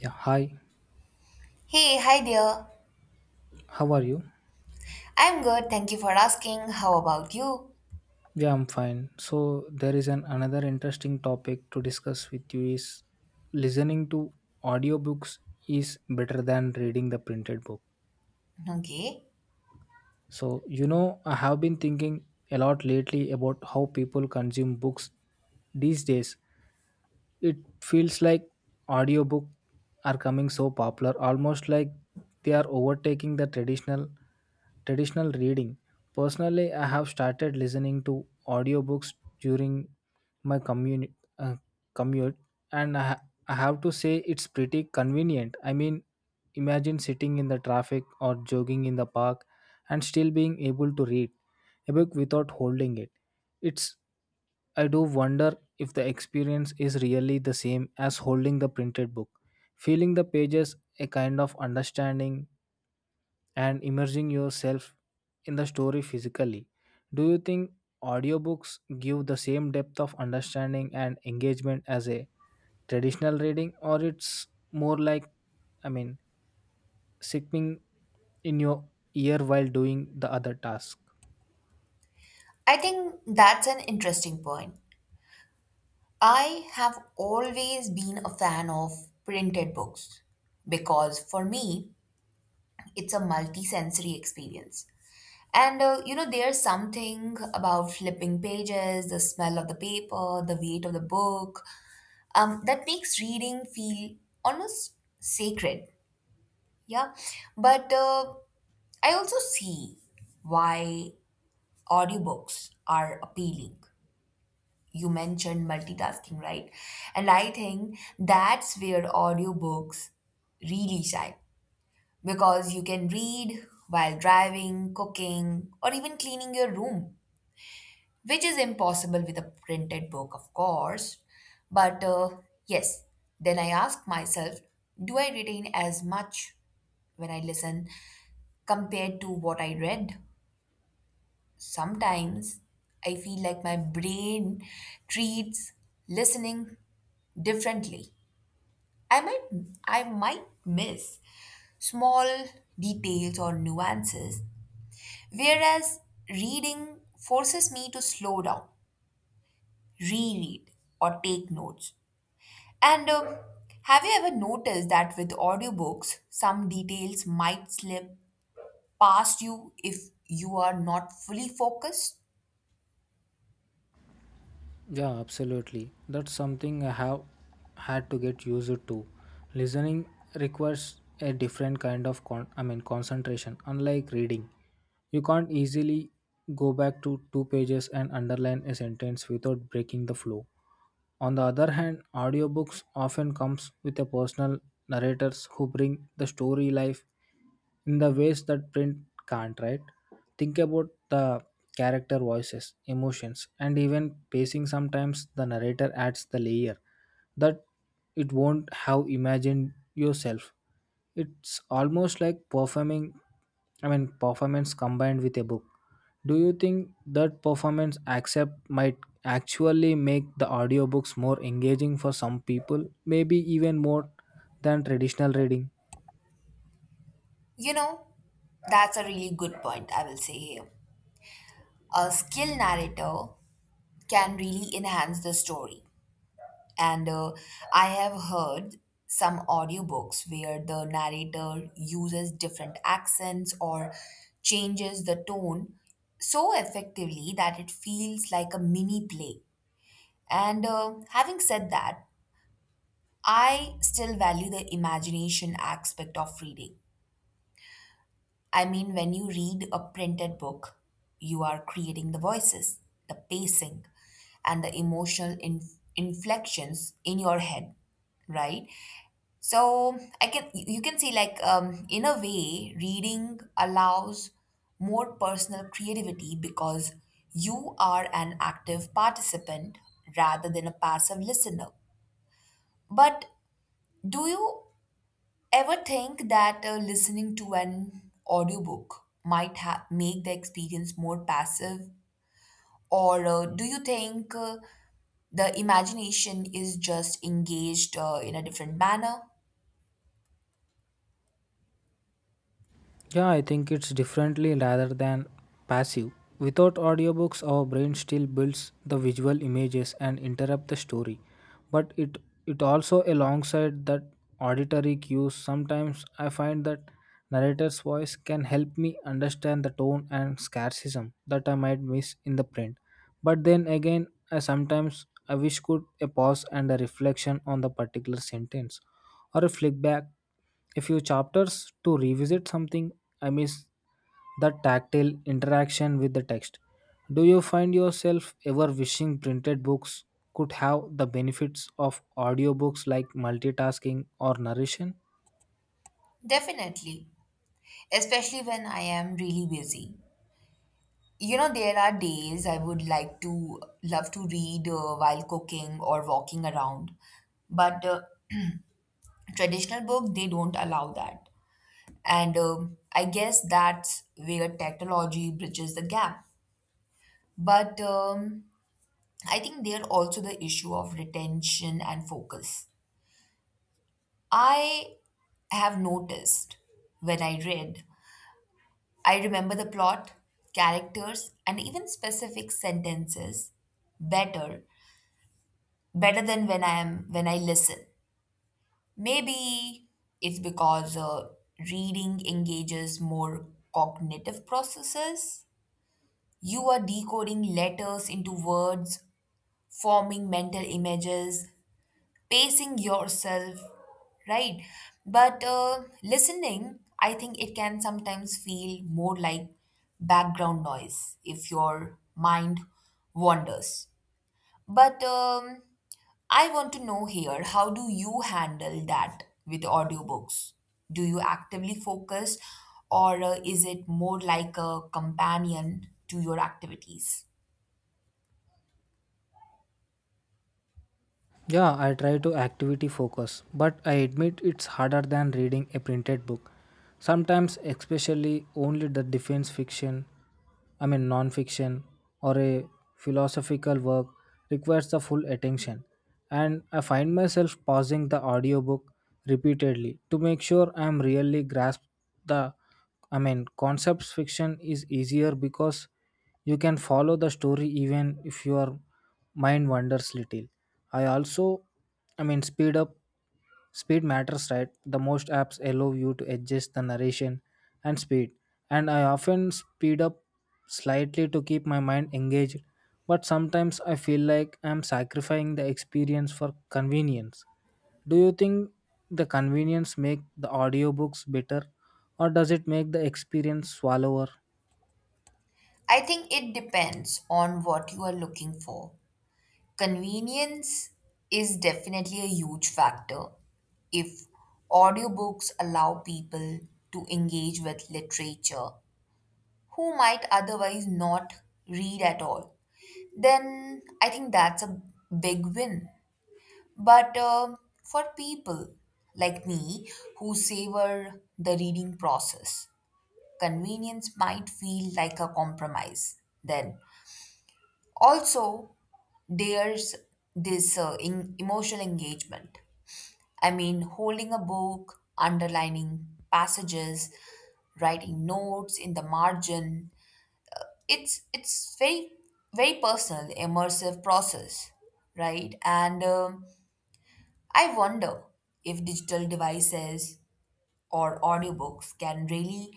Yeah, hi. Hey, hi there. How are you? I'm good, thank you for asking. How about you? Yeah, I'm fine. So there is an another interesting topic to discuss with you is listening to audiobooks is better than reading the printed book. Okay. So, I have been thinking a lot lately about how people consume books these days. It feels like audiobook are coming so popular, almost like they are overtaking the traditional reading. Personally, I have started listening to audiobooks during my commute uh, commute and I have to say it's pretty convenient. I mean, imagine sitting in the traffic or jogging in the park and still being able to read a book without holding it. It's I do wonder if the experience is really the same as holding the printed book. Feeling the pages, a kind of understanding, and immersing yourself in the story physically. Do you think audiobooks give the same depth of understanding and engagement as a traditional reading, or it's more like, I mean, sipping in your ear while doing the other task? I think that's an interesting point. I have always been a fan of printed books because for me, it's a multi-sensory experience. And you know, there's something about flipping pages, the smell of the paper, the weight of the book, that makes reading feel almost sacred. Yeah. But I also see why audiobooks are appealing. You mentioned multitasking, right? And I think that's where audiobooks really shine because you can read while driving, cooking, or even cleaning your room, which is impossible with a printed book, of course. But yes, then I ask myself, do I retain as much when I listen compared to what I read? Sometimes I feel like my brain treats listening differently. I might I might miss small details or nuances, whereas reading forces me to slow down, reread, or take notes. And have you ever noticed that with audiobooks, some details might slip past you if you are not fully focused? Yeah, absolutely. That's something I have had to get used to. Listening requires a different kind of I mean concentration, unlike reading. You can't easily go back to two pages and underline a sentence without breaking the flow. On the other hand, audiobooks often comes with a personal narrators who bring the story life in the ways that print can't, right? Think about the character voices, emotions, and even pacing. Sometimes the narrator adds the layer that it won't have imagined yourself. It's almost like performing I mean performance combined with a book. Do you think that performance accept might actually make the audiobooks more engaging for some people, maybe even more than traditional reading? You know, that's a really good point, I will say here. A skilled narrator can really enhance the story. And I have heard some audiobooks where the narrator uses different accents or changes the tone so effectively that it feels like a mini play. And having said that, I still value the imagination aspect of reading. I mean, when you read a printed book, you are creating the voices, the pacing, and the emotional inflections in your head, right? So I can you you can see, like in a way, reading allows more personal creativity because you are an active participant rather than a passive listener. But do you ever think that listening to an audiobook might make the experience more passive? Or do you think the imagination is just engaged in a different manner? Yeah, I think it's differently rather than passive. Without audiobooks, our brain still builds the visual images and interrupt the story. But it also, alongside that auditory cues, sometimes I find that narrator's voice can help me understand the tone and scarcism that I might miss in the print. But then again, I sometimes I wish could a pause and a reflection on the particular sentence or a flick back a few chapters to revisit something I miss that tactile interaction with the text. Do you find yourself ever wishing printed books could have the benefits of audiobooks like multitasking or narration? Definitely, especially when I am really busy. You know, there are days I would like to love to read while cooking or walking around, but traditional book they don't allow that. And I guess that's where technology bridges the gap. But I think there also the issue of retention and focus. I have noticed when I read, I remember the plot, characters, and even specific sentences better better than when I listen. Maybe it's because reading engages more cognitive processes. You are decoding letters into words, forming mental images, pacing yourself, right? But listening, I think it can sometimes feel more like background noise if your mind wanders. But I want to know here, how do you handle that with audiobooks? Do you actively focus, or is it more like a companion to your activities? Yeah, I try to activity focus, but I admit it's harder than reading a printed book. Sometimes, especially only the defense fiction, I mean non-fiction or a philosophical work requires the full attention. And I find myself pausing the audiobook repeatedly to make sure I'm really grasp the I mean concepts. Fiction is easier because you can follow the story even if your mind wanders little. I also, I mean, speed matters, right? The most apps allow you to adjust the narration and speed, and I often speed up slightly to keep my mind engaged. But sometimes I feel like I'm sacrificing the experience for convenience. Do you think the convenience make the audiobooks better, or does it make the experience swallower? I think it depends on what you are looking for. Convenience is definitely a huge factor. If audiobooks allow people to engage with literature who might otherwise not read at all, then I think that's a big win. But for people like me who savor the reading process, convenience might feel like a compromise then. Also, there's this in emotional engagement. I mean, holding a book, underlining passages, writing notes in the margin. It's very personal, immersive process, right? And I wonder if digital devices or audiobooks can really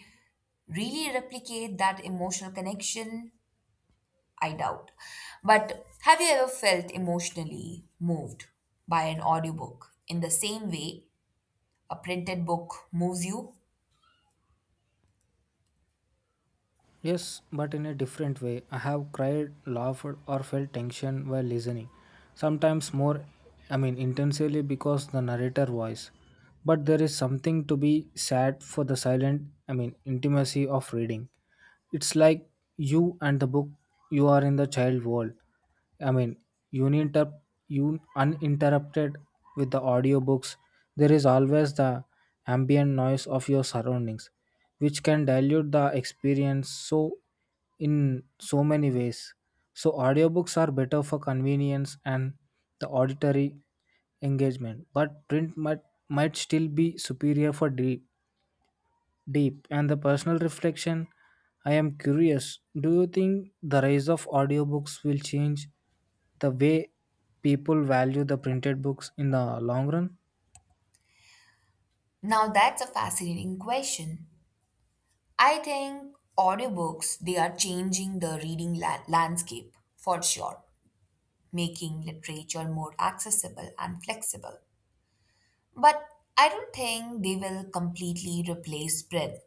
really replicate that emotional connection. I doubt. But have you ever felt emotionally moved by an audiobook in the same way a printed book moves you? Yes, but in a different way. I have cried, laughed, or felt tension while listening. Sometimes more, I mean, intensely because the narrator voice. But there is something to be said for the silent, I mean, intimacy of reading. It's like you and the book, you are in the child world. I mean, uninter- un- uninterrupted. With the audiobooks, there is always the ambient noise of your surroundings, which can dilute the experience so in so many ways. So audiobooks are better for convenience and the auditory engagement, but print might still be superior for deep and the personal reflection. I am curious, do you think the rise of audiobooks will change the way people value the printed books in the long run? Now that's a fascinating question. I think audiobooks they are changing the reading landscape for sure, making literature more accessible and flexible. But I don't think they will completely replace print.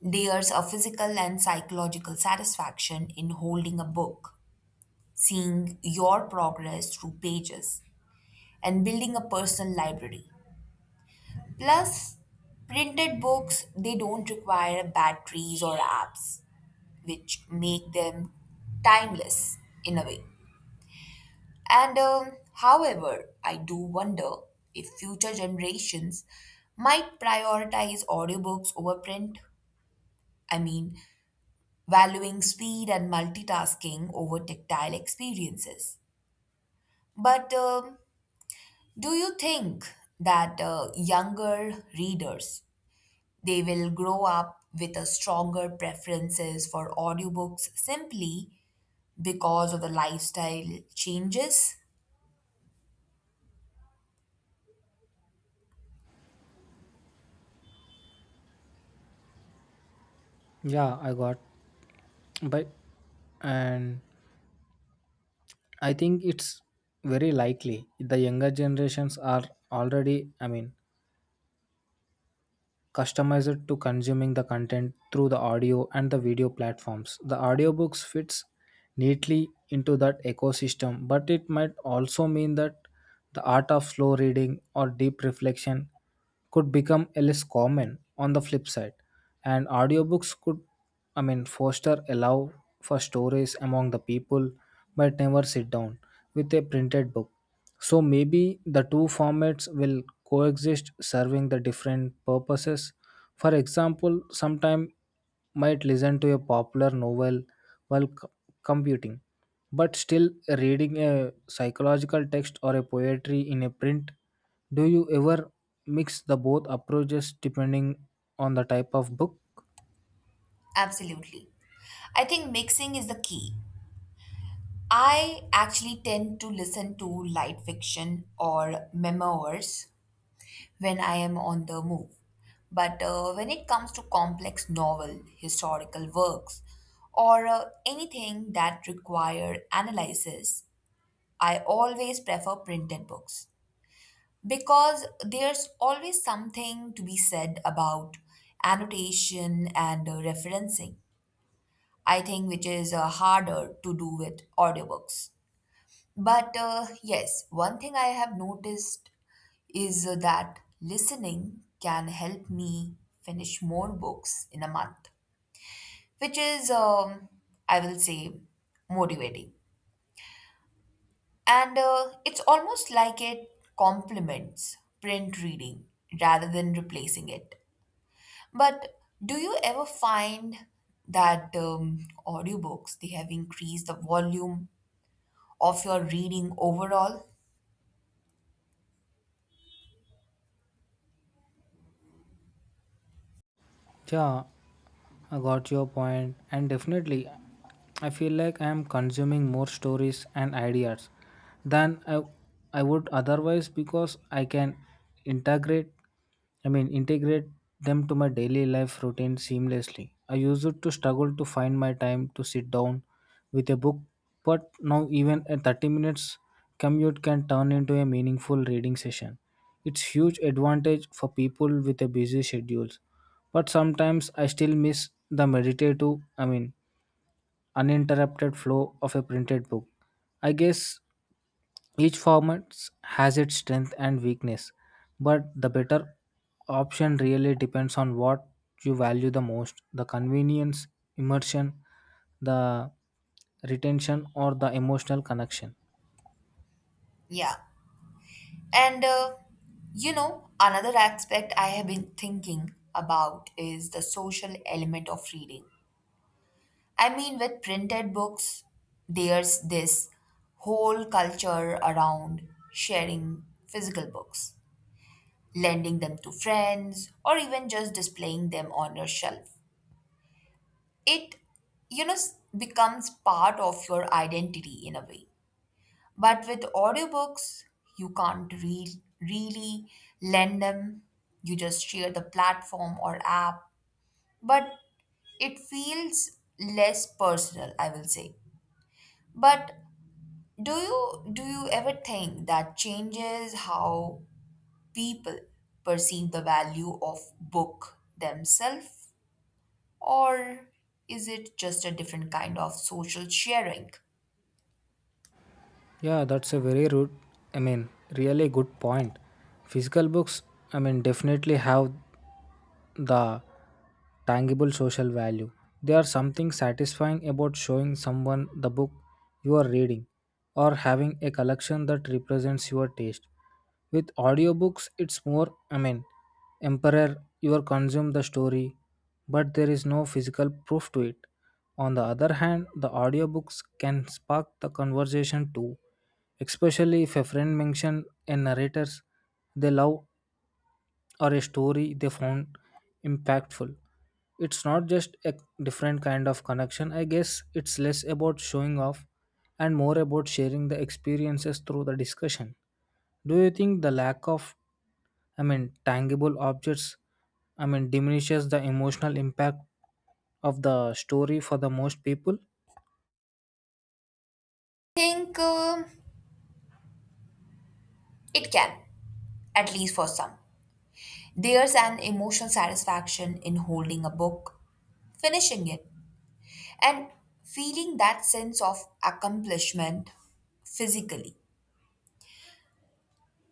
There's a physical and psychological satisfaction in holding a book, seeing your progress through pages, and building a personal library. Plus, printed books, they don't require batteries or apps, which make them timeless in a way. And however, I do wonder if future generations might prioritize audiobooks over print. I mean, valuing speed and multitasking over tactile experiences. But do you think that younger readers they will grow up with a stronger preferences for audiobooks simply because of the lifestyle changes? Yeah, I got. But and I think it's very likely the younger generations are already, I mean, customized to consuming the content through the audio and the video platforms. The audiobooks fits neatly into that ecosystem, but it might also mean that the art of slow reading or deep reflection could become less common on the flip side. And audiobooks could, I mean, foster allow for stories among the people but never sit down with a printed book. So maybe the two formats will coexist, serving the different purposes. For example, sometime might listen to a popular novel while computing, but still reading a psychological text or a poetry in a print. Do you ever mix the both approaches depending on the type of book? Absolutely. I think mixing is the key. I actually tend to listen to light fiction or memoirs when I am on the move. But when it comes to complex novel, historical works, or anything that require analysis, I always prefer printed books because there's always something to be said about annotation and referencing. I think which is harder to do with audiobooks. But yes, one thing I have noticed is that listening can help me finish more books in a month, which is, I will say, motivating. And it's almost like it complements print reading rather than replacing it. But do you ever find that audiobooks they have increased the volume of your reading overall? Yeah, I got your point, and definitely, I feel like I am consuming more stories and ideas than I would otherwise because I can integrate, integrate them to my daily life routine seamlessly. I used to struggle to find my time to sit down with a book, but now even a 30 minutes commute can turn into a meaningful reading session. It's huge advantage for people with a busy schedules, but sometimes I still miss the meditative, I mean, uninterrupted flow of a printed book. I guess each format has its strength and weakness, but the better option really depends on what you value the most: the convenience, immersion, the retention, or the emotional connection. Yeah. And you know, another aspect I have been thinking about is the social element of reading. I mean, with printed books, there's this whole culture around sharing physical books, lending them to friends, or even just displaying them on your shelf. It, you know, becomes part of your identity in a way. But with audiobooks, you can't really lend them. You just share the platform or app. But it feels less personal, I will say. But do you ever think that changes how people perceive the value of book themselves? Or is it just a different kind of social sharing? Yeah, that's a very rude, I mean, really good point. Physical books, I mean, definitely have the tangible social value. There are something satisfying about showing someone the book you are reading or having a collection that represents your taste. With audiobooks, it's more, I mean, emperor, you are consume the story, but there is no physical proof to it. On the other hand, the audiobooks can spark the conversation too, especially if a friend mentioned a narrator they love or a story they found impactful. It's not just a different kind of connection. I guess it's less about showing off and more about sharing the experiences through the discussion. Do you think the lack of, I mean, tangible objects, I mean, diminishes the emotional impact of the story for the most people? Think it can, at least for some. There's an emotional satisfaction in holding a book, finishing it, and feeling that sense of accomplishment physically.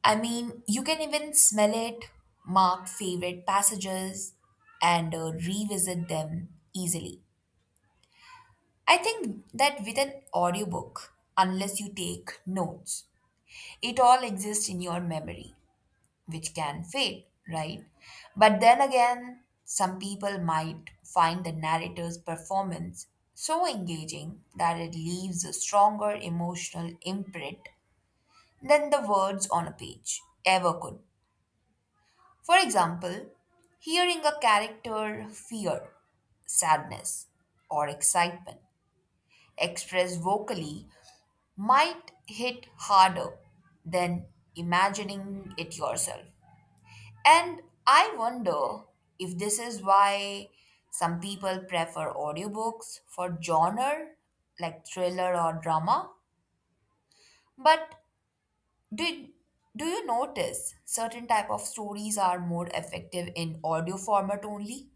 I mean, you can even smell it, mark favorite passages, and revisit them easily. I think that with an audiobook, unless you take notes, it all exists in your memory, which can fade, right? But then again, some people might find the narrator's performance so engaging that it leaves a stronger emotional imprint than the words on a page ever could. For example, hearing a character fear, sadness, or excitement expressed vocally might hit harder than imagining it yourself. And I wonder if this is why some people prefer audiobooks for genre like thriller or drama. But do, do you notice certain type of stories are more effective in audio format only?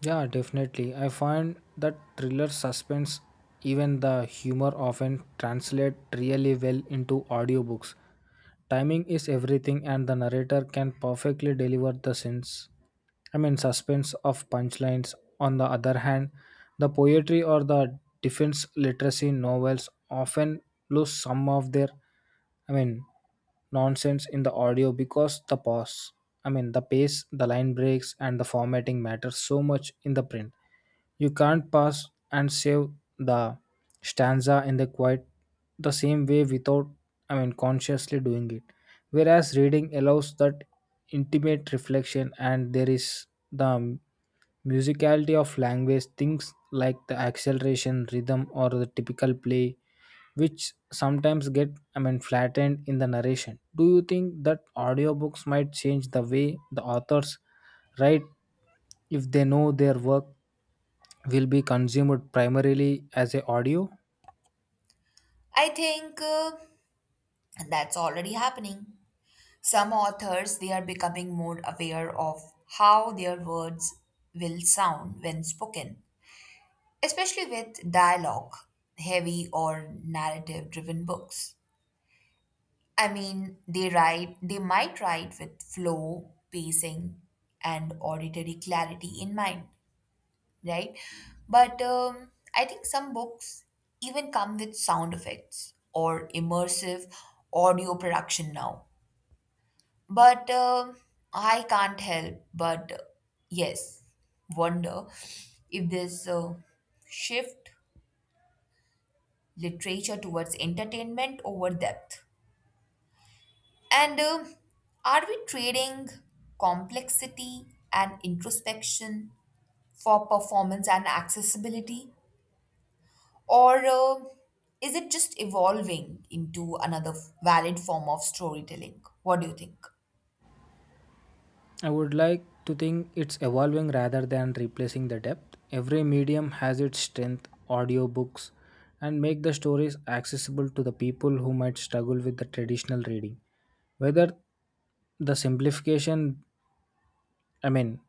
Yeah, definitely. I find that thriller suspense, even the humor often translate really well into audiobooks. Timing is everything and the narrator can perfectly deliver the sense. I mean suspense of punchlines. On the other hand, the poetry or the defense literacy novels often lose some of their, I mean, nonsense in the audio because the pause, I mean the pace, the line breaks and the formatting matters so much in the print. You can't pass and save the stanza in the quiet the same way without, I mean, consciously doing it, whereas reading allows that intimate reflection. And there is the musicality of language, things like the acceleration, rhythm, or the typical play, which sometimes get, I mean, flattened in the narration. Do you think that audiobooks might change the way the authors write if they know their work will be consumed primarily as a audio? I think that's already happening. Some authors they are becoming more aware of how their words will sound when spoken, especially with dialogue heavy or narrative driven books. I mean, they might write with flow, pacing, and auditory clarity in mind, right? But I think some books even come with sound effects or immersive audio production now. But I can't help but yes, wonder if this shift literature towards entertainment over depth. And are we trading complexity and introspection for performance and accessibility? Or is it just evolving into another valid form of storytelling? What do you think? I would like to think it's evolving rather than replacing the depth. Every medium has its strength, audiobooks, and make the stories accessible to the people who might struggle with the traditional reading. Whether the simplification, I mean,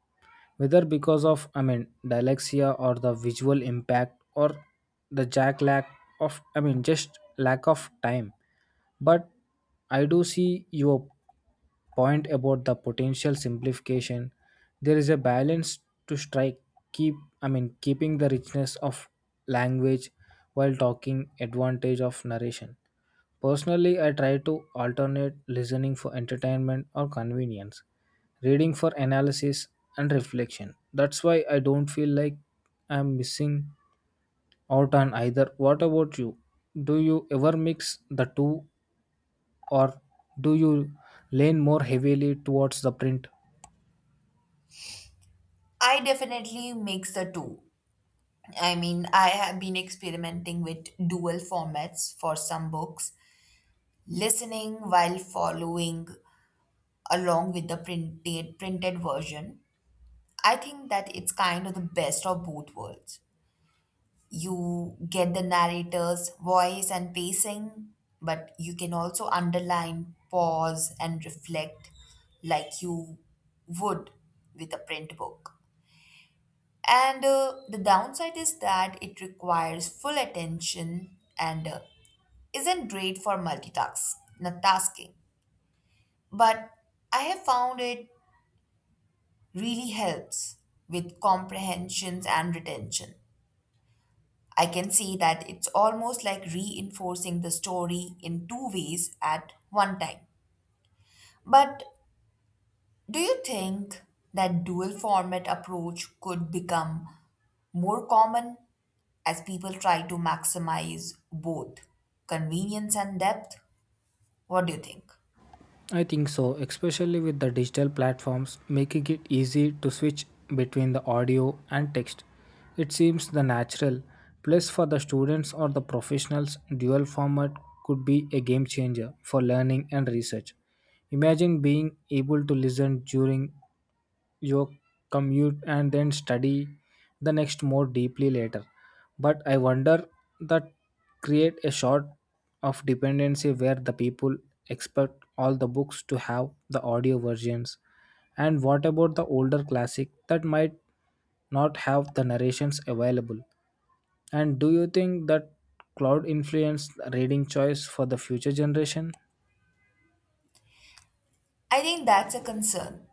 whether because of, I mean, dyslexia or the visual impact or the jack lack of, I mean, just lack of time. But I do see your point about the potential simplification. There is a balance to strike, keep I mean keeping the richness of language while talking advantage of narration. Personally, I try to alternate listening for entertainment or convenience, reading for analysis and reflection. That's why I don't feel like I'm missing out on either. What about you? Do you ever mix the two or do you lean more heavily towards the print? I definitely mix the two. I mean, I have been experimenting with dual formats for some books, listening while following along with the printed version. I think that it's kind of the best of both worlds. You get the narrator's voice and pacing, but you can also underline, pause, and reflect like you would with a print book. And the downside is that it requires full attention and isn't great for multitasking. But I have found it really helps with comprehensions and retention. I can see that it's almost like reinforcing the story in two ways at one time. But do you think that dual format approach could become more common as people try to maximize both convenience and depth? What do you think? I think so, especially with the digital platforms making it easy to switch between the audio and text. It seems the natural. Plus, for the students or the professionals, dual format could be a game changer for learning and research. Imagine being able to listen during your commute and then study the next more deeply later. But I wonder that create a sort of dependency where the people expect all the books to have the audio versions. And what about the older classic that might not have the narrations available? And do you think that cloud influence reading choice for the future generation? I think that's a concern.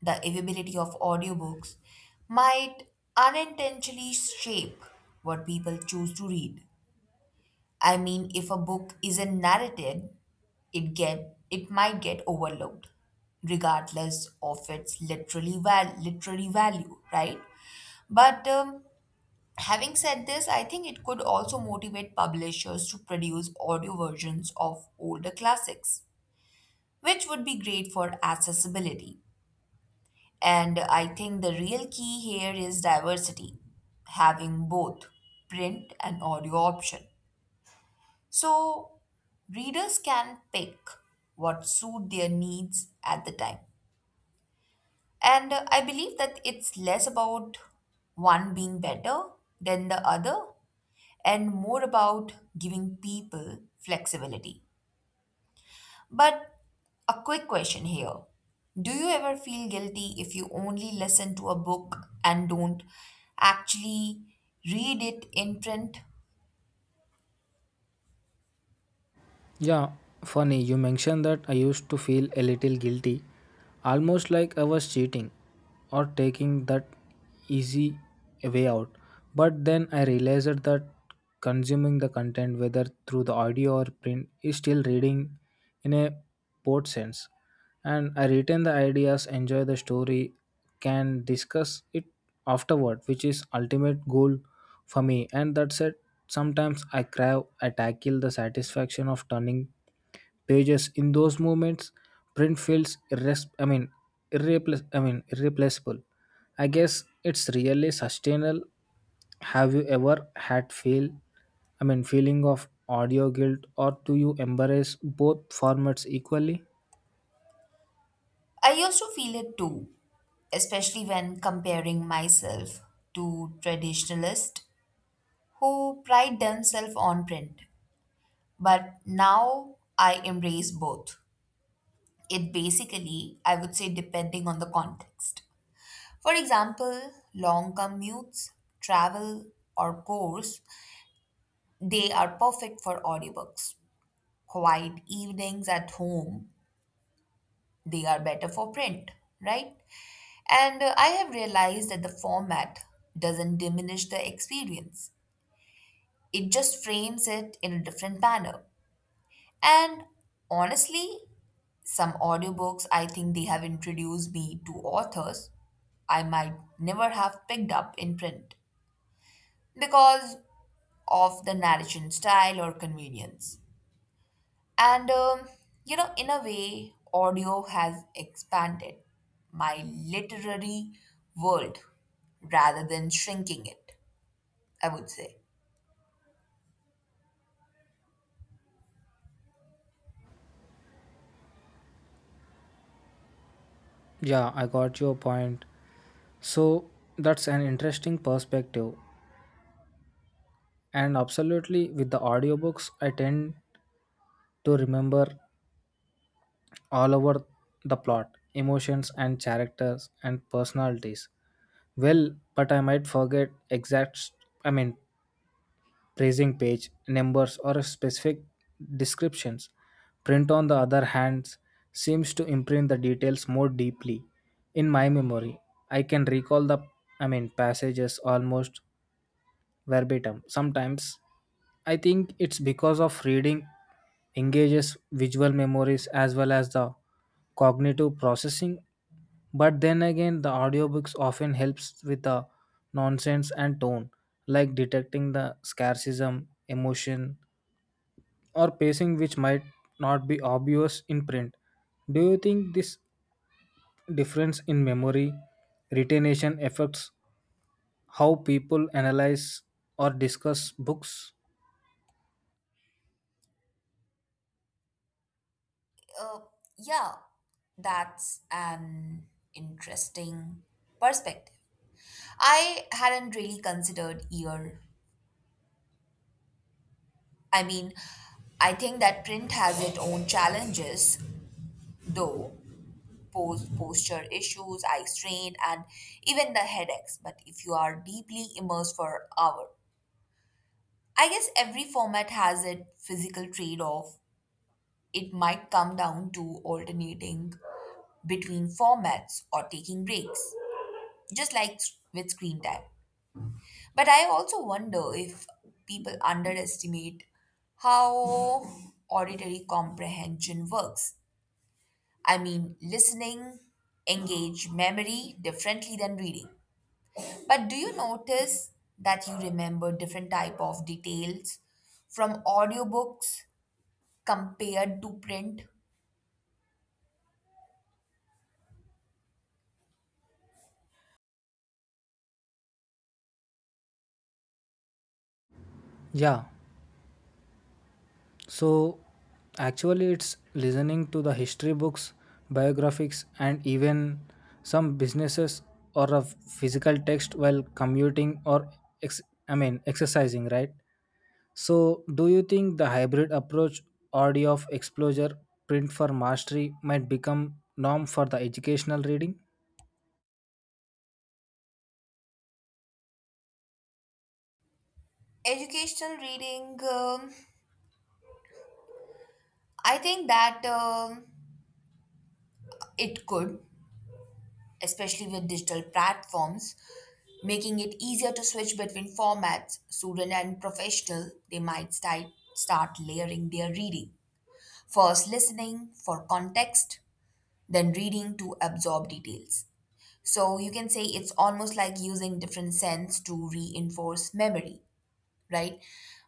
The availability of audiobooks might unintentionally shape what people choose to read. I mean, if a book isn't narrated, it might get overlooked, regardless of its literally literary value, right? But having said this, I think it could also motivate publishers to produce audio versions of older classics, which would be great for accessibility. And I think the real key here is diversity, having both print and audio option. So readers can pick what suit their needs at the time. And I believe that it's less about one being better than the other and more about giving people flexibility. But a quick question here. Do you ever feel guilty if you only listen to a book and don't actually read it in print? Yeah, funny, you mentioned that. I used to feel a little guilty, almost like I was cheating or taking that easy way out. But then I realized that consuming the content, whether through the audio or print, is still reading in a broad sense, and I retain the ideas, enjoy the story, can discuss it afterward, which is ultimate goal for me. And that said, sometimes I crave, I tackle the satisfaction of turning pages. In those moments, print feels irreplaceable. I guess it's really sustainable. Have you ever had feel, I mean, feeling of audio guilt, or do you embrace both formats equally? I used to feel it too, especially when comparing myself to traditionalists who pride themselves on print. But now I embrace both. It basically, I would say, depending on the context. For example, long commutes, travel, or course, they are perfect for audiobooks. Quiet evenings at home, they are better for print, right? And I have realized that the format doesn't diminish the experience, it just frames it in a different manner. And honestly, some audiobooks I think they have introduced me to authors I might never have picked up in print because of the narration style or convenience. And you know, in a way, audio has expanded my literary world rather than shrinking it, I would say. Yeah, I got your point. So that's an interesting perspective. And absolutely, with the audiobooks, I tend to remember all over the plot, emotions, and characters and personalities. Well, but I might forget exact, I mean, praising page, numbers, or specific descriptions. Print, on the other hand, seems to imprint the details more deeply in my memory. I can recall the, I mean, passages almost verbatim. Sometimes I think it's because of reading engages visual memories as well as the cognitive processing. But then again, the audiobooks often helps with the nonsense and tone, like detecting the scarcism, emotion, or pacing, which might not be obvious in print. Do you think this difference in memory retention affects how people analyze or discuss books? Uh, yeah, that's an interesting perspective. I hadn't really considered ear. I mean, I think that print has its own challenges, though. Posture issues, eye strain, and even the headaches. But if you are deeply immersed for hour, I guess every format has a physical trade-off. It might come down to alternating between formats or taking breaks, just like with screen time. But I also wonder if people underestimate how auditory comprehension works. I mean, listening engage memory differently than reading. But do you notice that you remember different type of details from audiobooks compared to print? Yeah. So, actually, it's listening to the history books, biographies, and even some businesses or a physical text while commuting or ex- I mean exercising, right? So, do you think the hybrid approach, audio of exposure, print for mastery, might become norm for the educational reading? Educational reading, I think that it could, especially with digital platforms, making it easier to switch between formats. Student and professional, they might start layering their reading. First listening for context, then reading to absorb details. So you can say it's almost like using different scents to reinforce memory, right?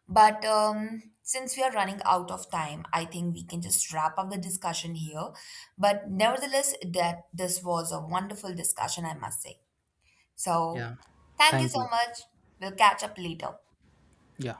But since we are running out of time, I think we can just wrap up the discussion here. But nevertheless, that this was a wonderful discussion, I must say. So Yeah. thank you Thank so you. much. We'll catch up later. Yeah.